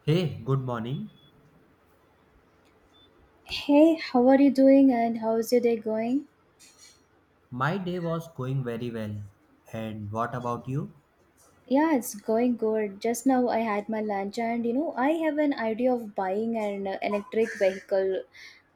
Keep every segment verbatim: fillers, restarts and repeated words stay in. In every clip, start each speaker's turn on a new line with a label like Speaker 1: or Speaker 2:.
Speaker 1: Hey, good morning.
Speaker 2: Hey, how are you doing and how's your day going?
Speaker 1: My day was going very well. And what about you?
Speaker 2: Yeah, it's going good. Just now I had my lunch and you know, I have an idea of buying an uh, electric vehicle.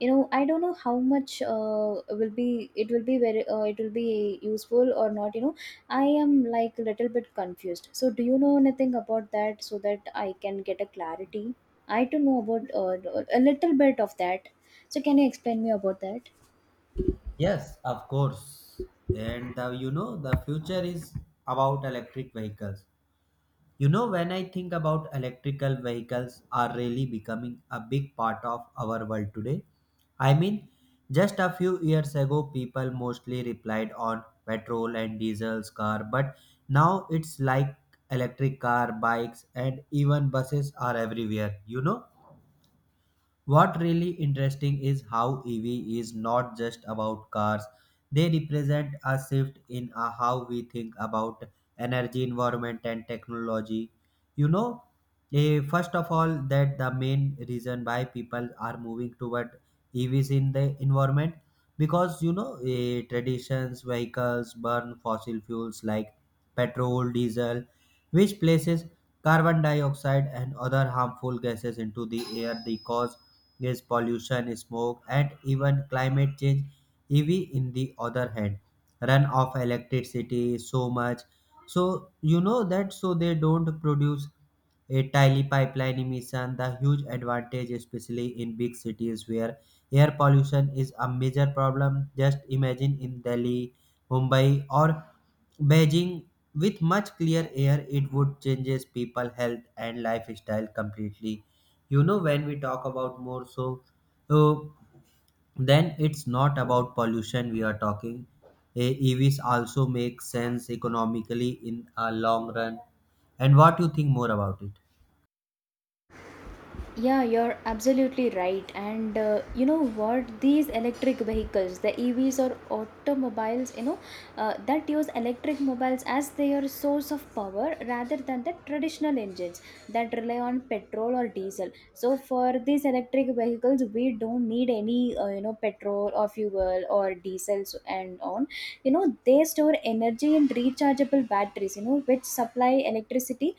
Speaker 2: You know, I don't know how much uh, will be it will be very uh, it will be useful or not, you know. I am like a little bit confused. So do you know anything about that so that I can get a clarity? I don't know about uh, a little bit of that. So can you explain me about that?
Speaker 1: Yes, of course. And uh, you know, the future is about electric vehicles. You know, when I think about electrical vehicles are really becoming a big part of our world today. I mean, just a few years ago, people mostly replied on petrol and diesel's car, but now it's like electric car, bikes, and even buses are everywhere. You know, what really interesting is how E V is not just about cars. They represent a shift in uh, how we think about energy, environment and technology. You know, eh, first of all that the main reason why people are moving toward E Vs in the environment because you know eh, traditions vehicles burn fossil fuels like petrol, diesel, which places carbon dioxide and other harmful gases into the air. The cause noise pollution, smoke, and even climate change. E V, in the other hand, run off electricity so much. So, you know that, so they don't produce a tiny pipeline emission, the huge advantage, especially in big cities where air pollution is a major problem. Just imagine in Delhi, Mumbai, or Beijing with much clear air, it would changes people health and lifestyle completely. You know, when we talk about more so uh, then it's not about pollution we are talking. Eh, evs also make sense economically in a long run, and what you think more about it?
Speaker 2: Yeah, you're absolutely right. And uh, you know what? These electric vehicles, the E Vs or automobiles, you know, uh, that use electric mobiles as their source of power rather than the traditional engines that rely on petrol or diesel. So for these electric vehicles, we don't need any, uh, you know, petrol or fuel or diesels and on. You know, they store energy in rechargeable batteries, you know, which supply electricity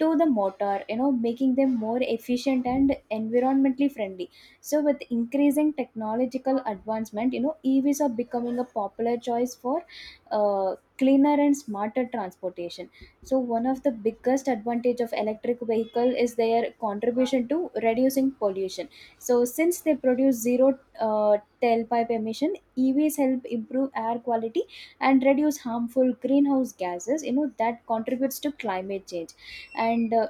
Speaker 2: to the motor, you know making them more efficient and environmentally friendly. So with increasing technological advancement, you know EVs are becoming a popular choice for uh, cleaner and smarter transportation. So one of the biggest advantage of electric vehicle is their contribution to reducing pollution. So since they produce zero uh, tailpipe emission, EVs help improve air quality and reduce harmful greenhouse gases, you know that contributes to climate change. and uh,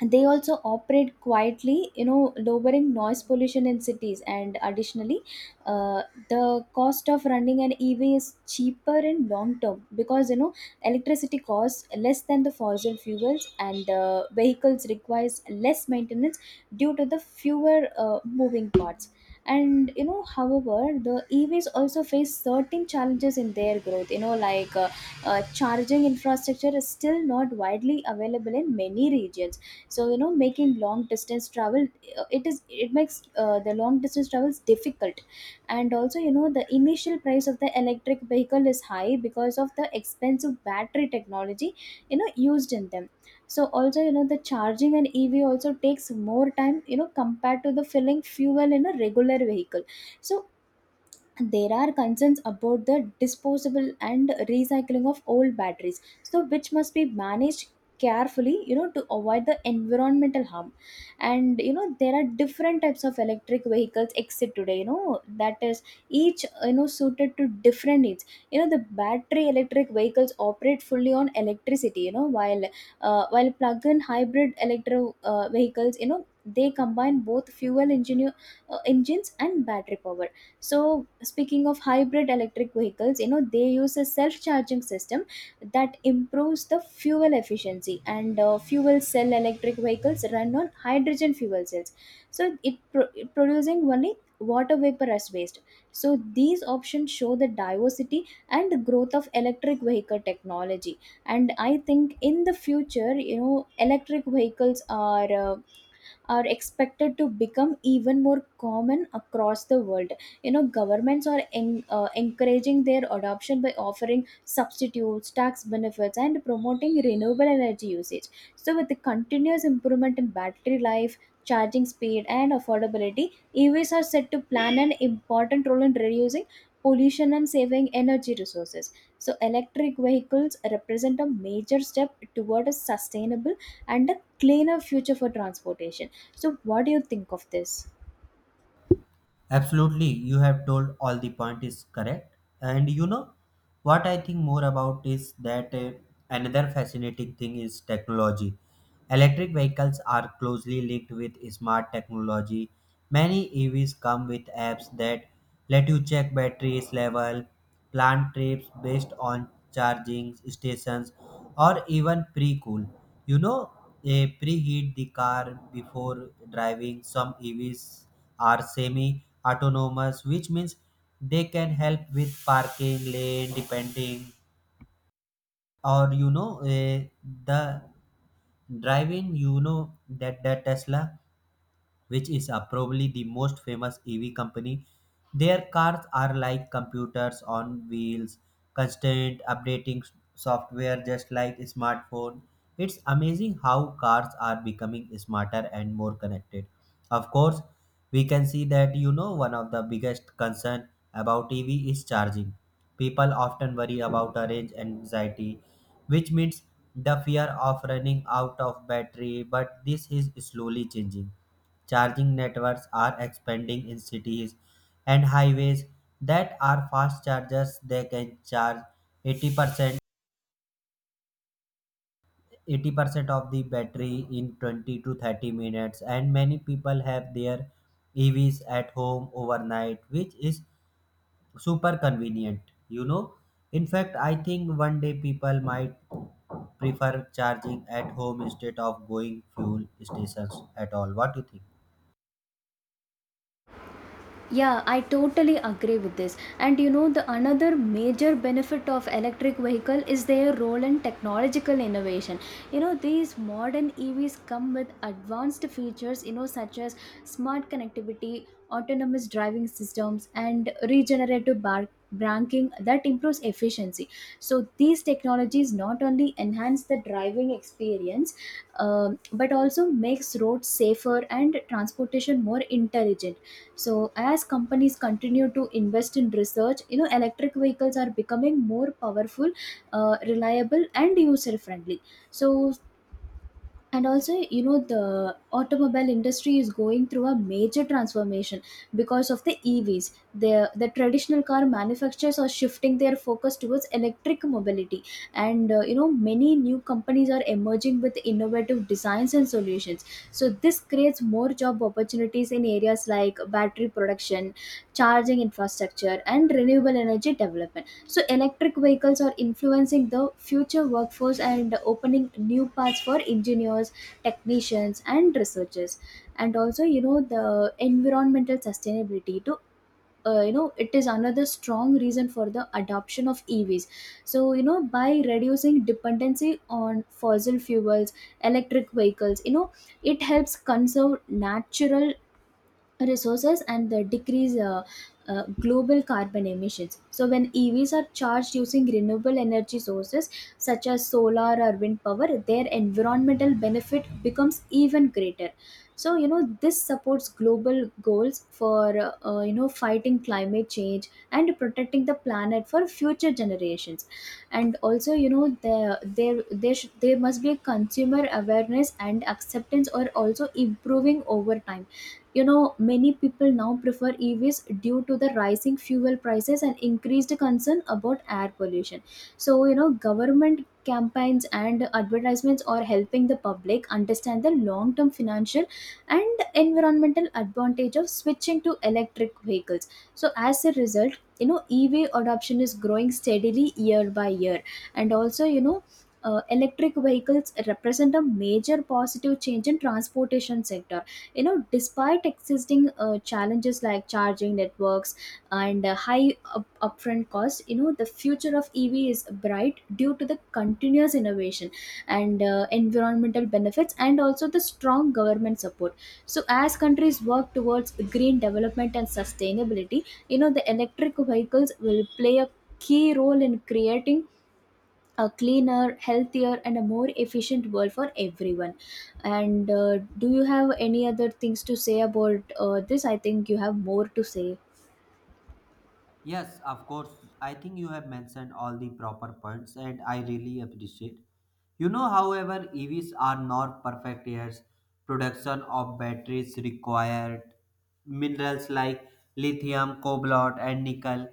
Speaker 2: and they also operate quietly, you know lowering noise pollution in cities. And additionally, uh, the cost of running an EV is cheaper in long term because, you know electricity costs less than the fossil fuels, and uh, vehicles requires less maintenance due to the fewer uh, moving parts. And you know however, the EVs also face certain challenges in their growth, you know like uh, uh, charging infrastructure is still not widely available in many regions. So, you know making long distance travel, uh, it is it makes uh, the long distance travels difficult. And also, you know the initial price of the electric vehicle is high because of the expensive battery technology, you know used in them. So also, you know the charging an EV also takes more time, you know compared to the filling fuel in a regular vehicle. So there are concerns about the disposable and recycling of old batteries, so which must be managed carefully, you know to avoid the environmental harm. And you know there are different types of electric vehicles exit today, you know that is, each, you know suited to different needs. You know the battery electric vehicles operate fully on electricity, you know while uh, while plug-in hybrid electro uh, vehicles, you know they combine both fuel engine uh, engines and battery power. So speaking of hybrid electric vehicles, you know they use a self charging system that improves the fuel efficiency. And uh, fuel cell electric vehicles run on hydrogen fuel cells, so it, pro- it producing only water vapor as waste. So these options show the diversity and the growth of electric vehicle technology. And I think in the future, you know electric vehicles are uh, are expected to become even more common across the world. You know, governments are en- uh, encouraging their adoption by offering substitutes tax benefits and promoting renewable energy usage. So with the continuous improvement in battery life, charging speed, and affordability, EVs are set to plan an important role in reducing pollution and saving energy resources. So electric vehicles represent a major step toward a sustainable and a cleaner future for transportation. So, what do you think of this?
Speaker 1: Absolutely, you have told all the point is correct. And you know what I think more about is that uh, another fascinating thing is technology. Electric vehicles are closely linked with smart technology. Many E Vs come with apps that let you check batteries level, plan trips based on charging stations, or even pre-cool. You know, eh, preheat the car before driving. Some E Vs are semi-autonomous, which means they can help with parking, lane depending, or you know, eh, the driving. You know that the Tesla, which is uh, probably the most famous E V company. Their cars are like computers on wheels, constant updating s- software just like smartphone. It's amazing how cars are becoming smarter and more connected. Of course, we can see that you know one of the biggest concern about E V is charging. People often worry about a range anxiety, which means the fear of running out of battery, but this is slowly changing. Charging networks are expanding in cities and highways that are fast chargers. They can charge eighty percent eighty percent of the battery in twenty to thirty minutes, and many people have their E Vs at home overnight, which is super convenient. You know, in fact I think one day people might prefer charging at home instead of going fuel stations at all. What do you think?
Speaker 2: Yeah, I totally agree with this. And you know, the another major benefit of electric vehicle is their role in technological innovation. You know, these modern E Vs come with advanced features, you know, such as smart connectivity, autonomous driving systems, and regenerative bar- braking that improves efficiency. So these technologies not only enhance the driving experience, um, but also makes roads safer and transportation more intelligent. So as companies continue to invest in research, you know electric vehicles are becoming more powerful, uh, reliable, and user friendly. So and also, you know the automobile industry is going through a major transformation because of the EVs. The the traditional car manufacturers are shifting their focus towards electric mobility. And uh, you know, many new companies are emerging with innovative designs and solutions. So this creates more job opportunities in areas like battery production, charging infrastructure, and renewable energy development. So, electric vehicles are influencing the future workforce and opening new paths for engineers, technicians, and researchers. And also, you know, the environmental sustainability to uh, you know, it is another strong reason for the adoption of EVs. So you know, by reducing dependency on fossil fuels, electric vehicles, you know it helps conserve natural resources and the decrease uh, uh, global carbon emissions. So, when E Vs are charged using renewable energy sources such as solar or wind power, their environmental benefit becomes even greater. So, you know, this supports global goals for, uh, uh, you know, fighting climate change and protecting the planet for future generations. And also, you know, there there, there, should, there must be a consumer awareness and acceptance or also improving over time. You know, many people now prefer EVs due to the rising fuel prices and increased concern about air pollution. So you know, government campaigns and advertisements are helping the public understand the long term financial and environmental advantage of switching to electric vehicles. So as a result, you know EV adoption is growing steadily year by year. And also, you know uh, electric vehicles represent a major positive change in transportation sector. You know, despite existing uh, challenges like charging networks and uh, high up- upfront costs, you know, the future of EV is bright due to the continuous innovation and uh, environmental benefits, and also the strong government support. So as countries work towards green development and sustainability, you know the electric vehicles will play a key role in creating a cleaner, healthier, and a more efficient world for everyone. And uh, do you have any other things to say about uh, this? I think you have more to say.
Speaker 1: Yes, of course. I think you have mentioned all the proper points, and I really appreciate. You know, however, E Vs are not perfect years. Production of batteries required minerals like lithium, cobalt, and nickel.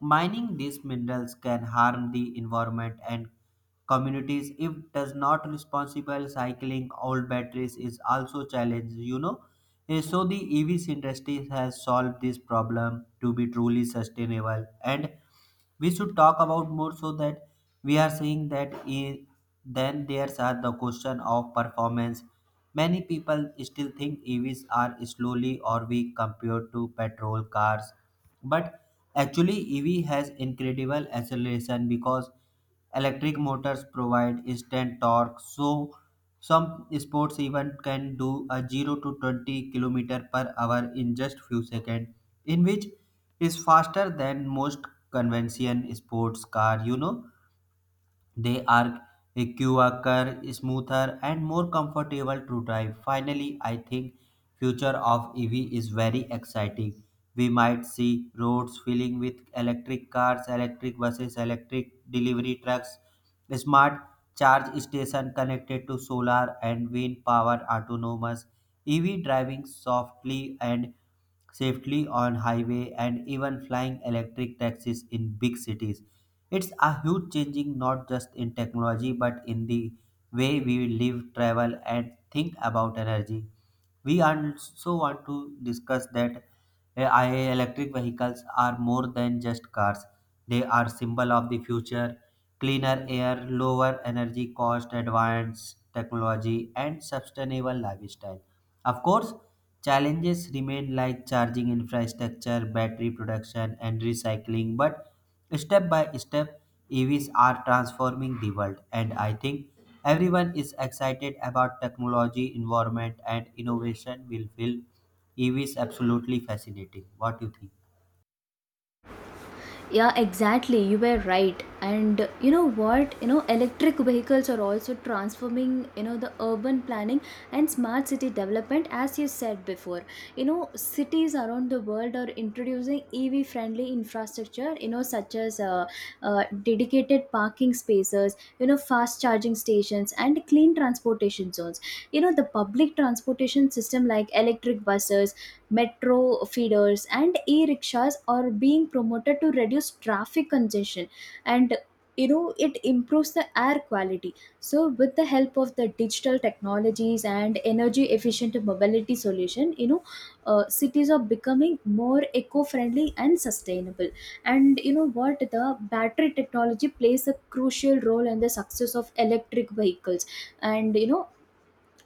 Speaker 1: Mining these minerals can harm the environment and communities if does not responsible cycling old batteries is also challenge. You know, Eh, so the evs industry has solved this problem to be truly sustainable, and we should talk about more so that we are saying that I- then there's are the question of performance. Many people still think evs are slowly or weak compared to petrol cars, but actually ev has incredible acceleration because electric motors provide instant torque, so some sports even can do a zero to twenty kilometer per hour in just few seconds, in which is faster than most convention sports car, you know. They are quicker, smoother, and more comfortable to drive. Finally, I think future of E V is very exciting. We might see roads filling with electric cars, electric buses, electric delivery trucks, smart charge station connected to solar and wind power, autonomous E V driving softly and safely on highway, and even flying electric taxis in big cities. It's a huge changing, not just in technology but in the way we live, travel and think about energy. We also want to discuss that Eh, I, electric vehicles are more than just cars. They are symbol of the future, cleaner air, lower energy cost, advanced technology, and sustainable lifestyle. Of course, challenges remain like charging infrastructure, battery production, and recycling. But step by step, E Vs are transforming the world, and I think everyone is excited about technology, environment, and innovation will fill E V is absolutely fascinating. What do you think?
Speaker 2: Yeah, exactly, you were right. And you know what, you know electric vehicles are also transforming, you know the urban planning and smart city development, as you said before. You know, cities around the world are introducing EV friendly infrastructure, you know such as uh, uh, dedicated parking spaces, you know fast charging stations, and clean transportation zones. You know the public transportation system like electric buses, metro feeders, and e-rickshaws are being promoted to reduce traffic congestion. And you know it improves the air quality. So with the help of the digital technologies and energy efficient mobility solution, you know uh, cities are becoming more eco-friendly and sustainable. And you know what, the battery technology plays a crucial role in the success of electric vehicles. And you know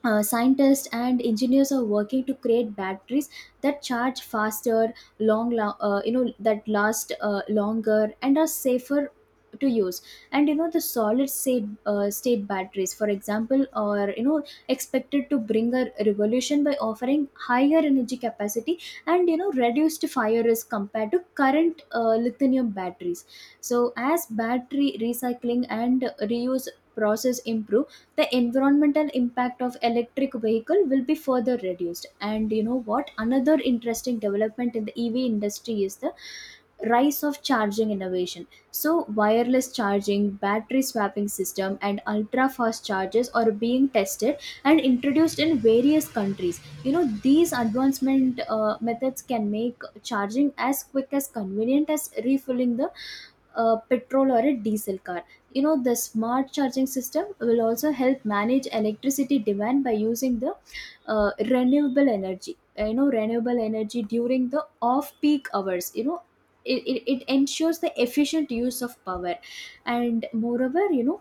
Speaker 2: uh, scientists and engineers are working to create batteries that charge faster, long la- uh, you know that last uh, longer and are safer to use. And you know, the solid state uh, state batteries, for example, are, you know expected to bring a revolution by offering higher energy capacity and, you know reduced fire risk compared to current uh, lithium batteries. So as battery recycling and reuse process improve, the environmental impact of electric vehicle will be further reduced. And you know what, another interesting development in the EV industry is the rise of charging innovation. So wireless charging, battery swapping system, and ultra fast chargers are being tested and introduced in various countries. You know, these advancement uh, methods can make charging as quick as convenient as refilling the uh, petrol or a diesel car. You know the smart charging system will also help manage electricity demand by using the uh, renewable energy uh, you know renewable energy during the off peak hours. You know it, it, it ensures the efficient use of power. And moreover, you know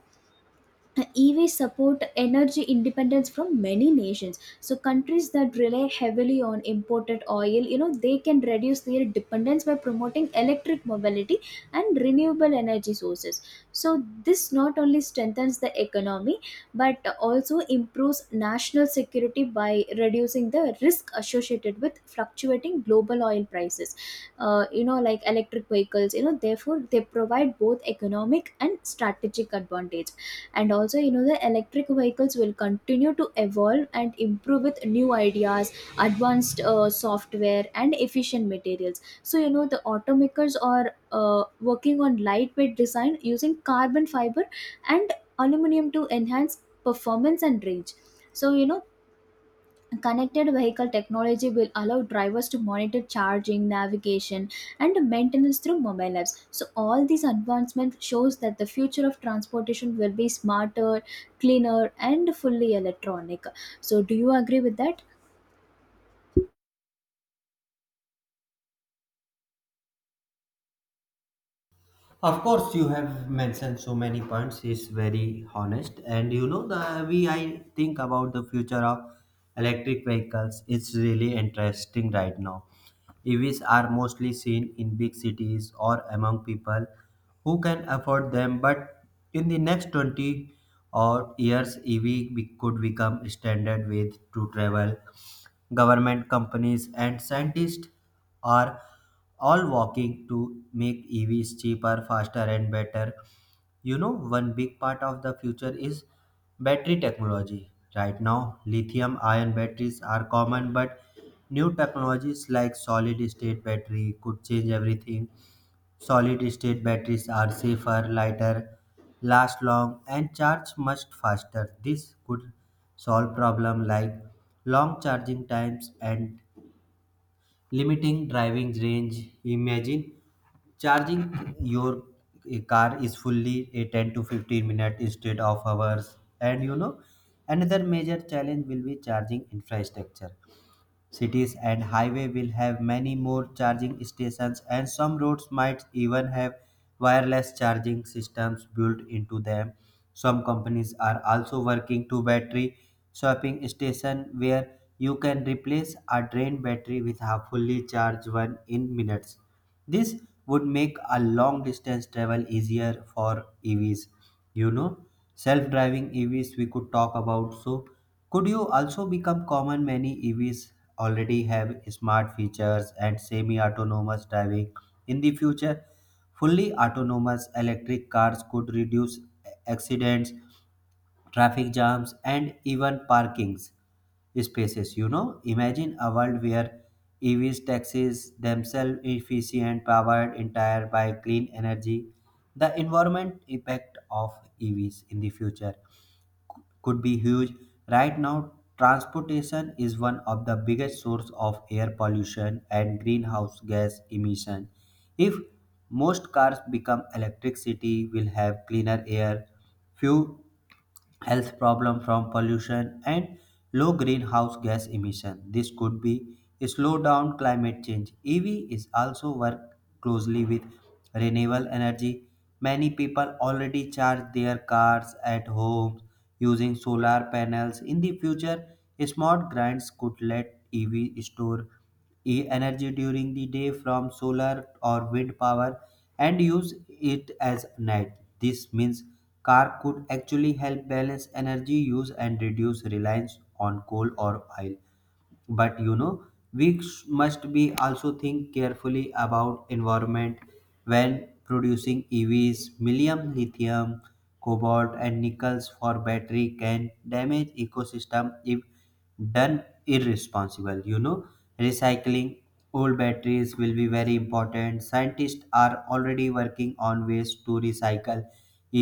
Speaker 2: E Vs support energy independence from many nations. So countries that rely heavily on imported oil, you know, they can reduce their dependence by promoting electric mobility and renewable energy sources. So this not only strengthens the economy but also improves national security by reducing the risk associated with fluctuating global oil prices. Uh, you know, like electric vehicles, you know, therefore they provide both economic and strategic advantage. And also, you know the electric vehicles will continue to evolve and improve with new ideas, advanced uh, software and efficient materials. So you know, the automakers are uh, working on lightweight design using carbon fiber and aluminum to enhance performance and range. So you know, Connected vehicle technology will allow drivers to monitor charging, navigation, and maintenance through mobile apps. So all these advancements shows that the future of transportation will be smarter, cleaner, and fully electronic. So do you agree with that?
Speaker 1: Of course, you have mentioned so many points. It's very honest, and you know the we. I think about the future of electric vehicles. It's really interesting right now. E Vs are mostly seen in big cities or among people who can afford them, but in the next twenty or years, E V be- could become standard with to travel. Government companies and scientists are all walking to make E Vs cheaper, faster, and better. You know, one big part of the future is battery technology. Right now, lithium ion batteries are common, but new technologies like solid state battery could change everything. Solid state batteries are safer, lighter, last long, and charge much faster. This could solve problems like long charging times and limiting driving range. Imagine charging your car is fully a ten to fifteen minute instead of hours. And you know, another major challenge will be charging infrastructure. Cities and highway will have many more charging stations, and some roads might even have wireless charging systems built into them. Some companies are also working to battery swapping station where you can replace a drained battery with a fully charged one in minutes. This would make a long distance travel easier for E Vs. You know, self driving E Vs we could talk about. So, could you also become common? Many E Vs already have smart features and semi autonomous driving. In the future, fully autonomous electric cars could reduce accidents, traffic jams, and even parking spaces. You know, imagine a world where E Vs, taxis themselves efficient, powered entire by clean energy. The environment impact of E Vs in the future could be huge. Right now, transportation is one of the biggest source of air pollution and greenhouse gas emission. If most cars become electricity, will have cleaner air, few health problem from pollution and low greenhouse gas emission. This could be slow down climate change. E V is also work closely with renewable energy. Many people already charge their cars at home using solar panels. In the future, smart grids could let E V store e- energy during the day from solar or wind power and use it as night. This means car could actually help balance energy use and reduce reliance on coal or oil. But you know we sh- must be also think carefully about environment when producing evs. Millium lithium, cobalt and nickels for battery can damage ecosystem if done irresponsible. You know, recycling old batteries will be very important. Scientists are already working on ways to recycle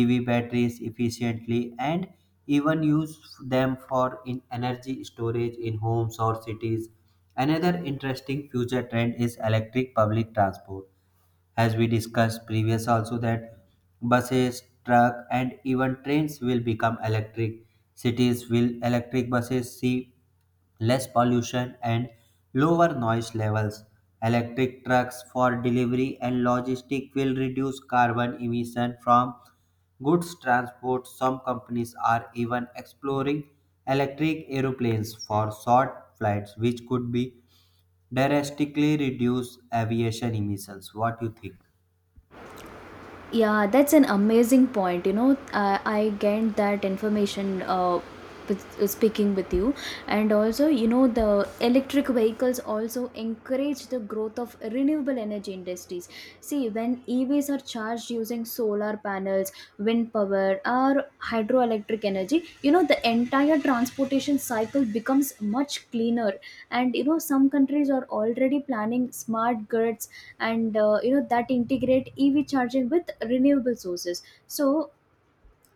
Speaker 1: E V batteries efficiently and even use them for in energy storage in homes or cities. Another interesting future trend is electric public transport. As we discussed previous also that buses, truck and even trains will become electric. Cities will electric buses see less pollution and lower noise levels. Electric trucks for delivery and logistic will reduce carbon emission from goods transport. Some companies are even exploring electric aeroplanes for short flights, which could be drastically reduce aviation emissions. What do you think?
Speaker 2: Yeah, that's an amazing point. You know, uh, I get that information uh, with, uh, speaking with you, and also, you know, the electric vehicles also encourage the growth of renewable energy industries. See, when E Vs are charged using solar panels, wind power, or hydroelectric energy, you know, the entire transportation cycle becomes much cleaner. And you know, some countries are already planning smart grids and uh, you know that integrate ev charging with renewable sources, so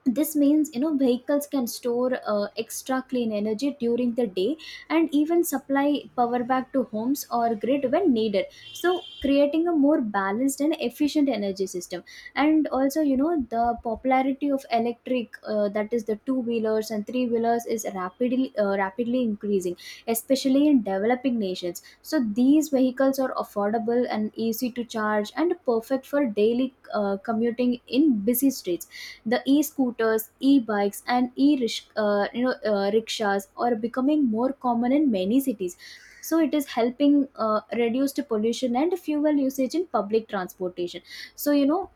Speaker 2: this means, you know, vehicles can store uh, extra clean energy during the day and even supply power back to homes or grid when needed, so creating a more balanced and efficient energy system. And also, you know, the popularity of electric, uh, that is the two wheelers and three wheelers, is rapidly uh, rapidly increasing, especially in developing nations. So these vehicles are affordable and easy to charge and perfect for daily uh, commuting in busy streets. The e-scooters, e-bikes, and e-rish uh, you know uh, rickshaws are becoming more common in many cities, so it is helping uh, reduce the pollution and fuel usage in public transportation. So you know,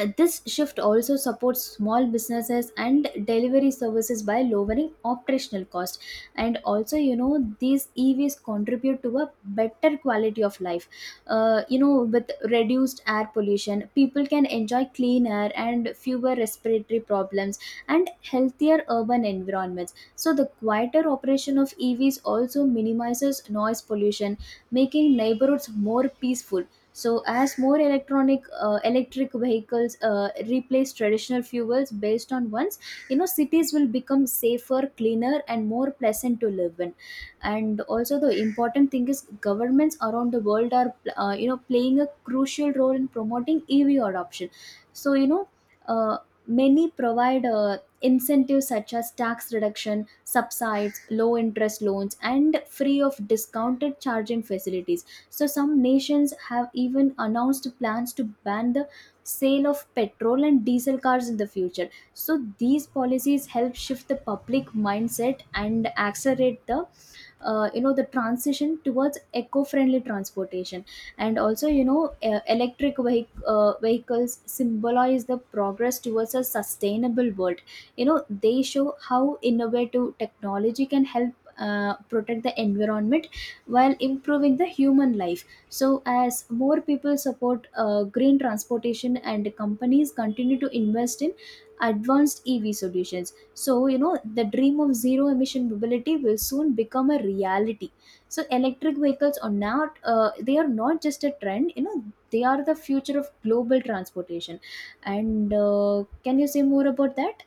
Speaker 2: uh, this shift also supports small businesses and delivery services by lowering operational cost. And also, you know, these evs contribute to a better quality of life. Uh, you know, with reduced air pollution, people can enjoy clean air and fewer respiratory problems and healthier urban environments. So the quieter operation of evs also minimizes noise pollution, making neighborhoods more peaceful. So, as more electronic uh, electric vehicles uh, replace traditional fuels based on ones, you know, cities will become safer, cleaner, and more pleasant to live in. And also, the important thing is governments around the world are, uh, you know, playing a crucial role in promoting E V adoption. So, you know, uh, many provide uh, incentives such as tax reduction, subsides, low interest loans, and free of discounted charging facilities. So, some nations have even announced plans to ban the sale of petrol and diesel cars in the future. So, these policies help shift the public mindset and accelerate the uh, you know the transition towards eco-friendly transportation. And also, you know, uh, electric vehic- uh, vehicles symbolize the progress towards a sustainable world. You know, they show how innovative technology can help uh, protect the environment while improving the human life. So, as more people support uh, green transportation and companies continue to invest in advanced E V solutions, so you know the dream of zero emission mobility will soon become a reality. So, electric vehicles are not uh, they are not just a trend. You know, they are the future of global transportation. And uh, can you say more about that?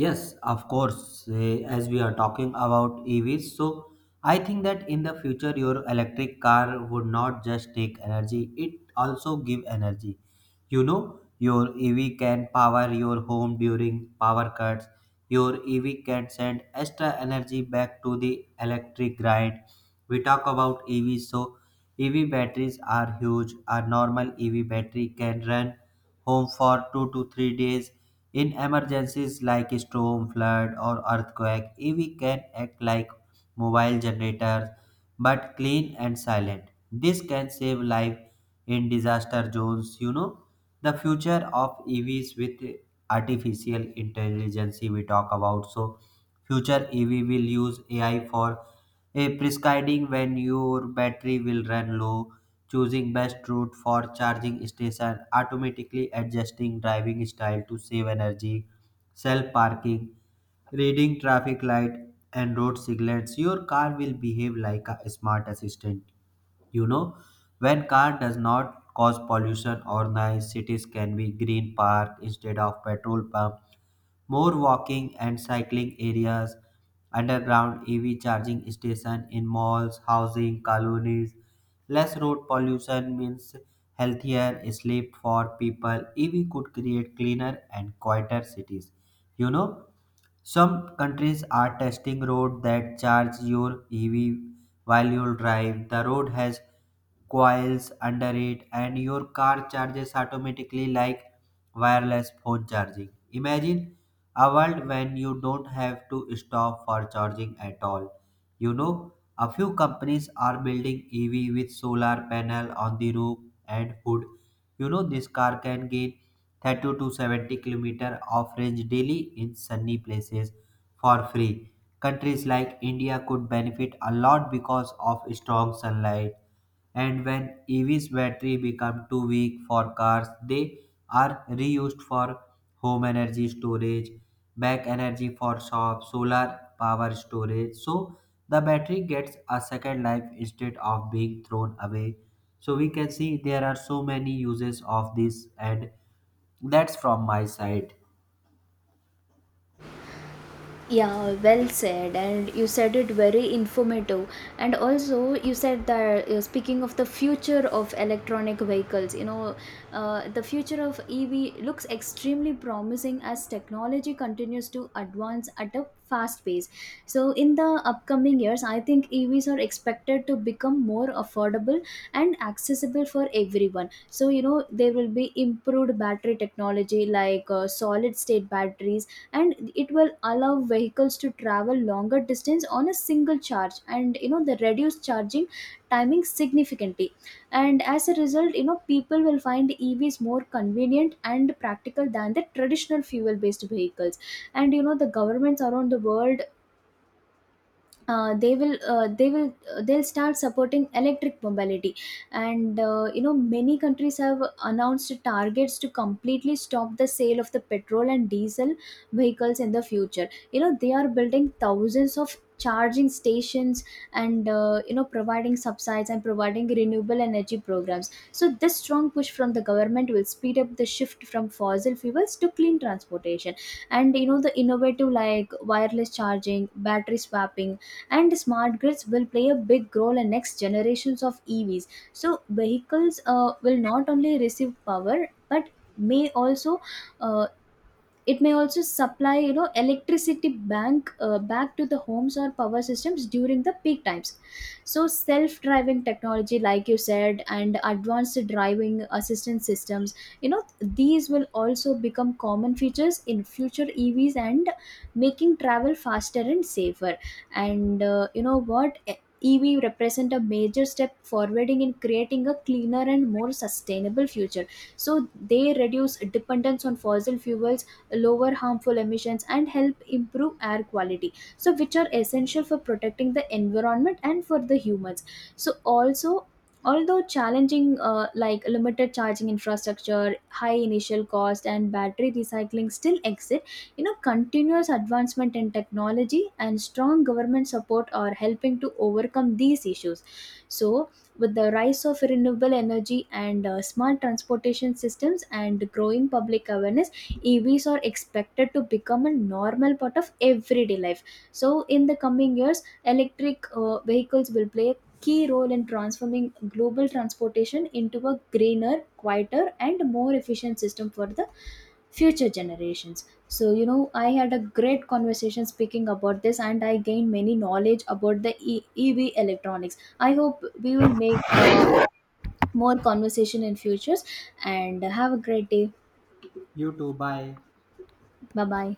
Speaker 1: Yes, of course. eh, As we are talking about E Vs, so I think that in the future your electric car would not just take energy, it also give energy. You know, your E V can power your home during power cuts. Your E V can send extra energy back to the electric grid. We talk about E V, so E V batteries are huge. A normal E V battery can run home for two to three days. In emergencies like storm, flood, or earthquake, E V can act like mobile generators but clean and silent. This can save life in disaster zones. You know, the future of E Vs with artificial intelligence we talk about. So, future E V will use A I for a prescribing when your battery will run low, choosing best route for charging station, automatically adjusting driving style to save energy, self parking, reading traffic light and road signals. Your car will behave like a smart assistant. You know, when car does not cause pollution or noise, cities can be green park instead of petrol pump, more walking and cycling areas, underground E V charging station in malls, housing, colonies. Less road pollution means healthier sleep for people. E V could create cleaner and quieter cities. You know, some countries are testing roads that charge your E V while you drive. The road has coils under it, and your car charges automatically like wireless phone charging. Imagine a world when you don't have to stop for charging at all. You know, a few companies are building E V with solar panel on the roof and hood. You know, this car can gain thirty to seventy kilometer of range daily in sunny places for free. Countries like India could benefit a lot because of strong sunlight. And when EV's battery become too weak for cars, they are reused for home energy storage, back energy for shops, solar power storage. So the battery gets a second life instead of being thrown away. So we can see there are so many uses of this, and that's from my side.
Speaker 2: Yeah, well said, and you said it very informative. And also, you said that uh, speaking of the future of electronic vehicles, you know, uh, the future of E V looks extremely promising as technology continues to advance at a fast pace. So, in the upcoming years, I think E Vs are expected to become more affordable and accessible for everyone. So, you know, there will be improved battery technology like uh, solid state batteries, and it will allow vehicles to travel longer distance on a single charge, and you know, the reduced charging timing significantly. And as a result, you know, people will find evs more convenient and practical than the traditional fuel based vehicles. And you know, the governments around the world, uh, they will uh, they will uh, they'll start supporting electric mobility. And uh, you know, many countries have announced targets to completely stop the sale of the petrol and diesel vehicles in the future. You know, they are building thousands of charging stations and, uh, you know, providing subsidies and providing renewable energy programs. So this strong push from the government will speed up the shift from fossil fuels to clean transportation. And you know, the innovative like wireless charging, battery swapping, and smart grids will play a big role in next generations of evs. So vehicles uh, will not only receive power but may also uh, it may also supply, you know, electricity bank uh, back to the homes or power systems during the peak times. So self driving technology, like you said, and advanced driving assistance systems, you know, these will also become common features in future evs and making travel faster and safer. And uh, you know what, E- EV represent a major step forwarding in creating a cleaner and more sustainable future. So they reduce dependence on fossil fuels, lower harmful emissions, and help improve air quality, so which are essential for protecting the environment and for the humans. So also, although challenging uh, like limited charging infrastructure, high initial cost, and battery recycling still exist, you know, continuous advancement in technology and strong government support are helping to overcome these issues. So with the rise of renewable energy and uh, smart transportation systems and growing public awareness, E Vs are expected to become a normal part of everyday life. So, in the coming years, electric uh, vehicles will play a key role in transforming global transportation into a greener, quieter, and more efficient system for the future generations. So, you know, I had a great conversation speaking about this, and I gained many knowledge about the e- EV electronics. I hope we will make uh, more conversation in futures and have a great day.
Speaker 1: You too, bye.
Speaker 2: Bye bye.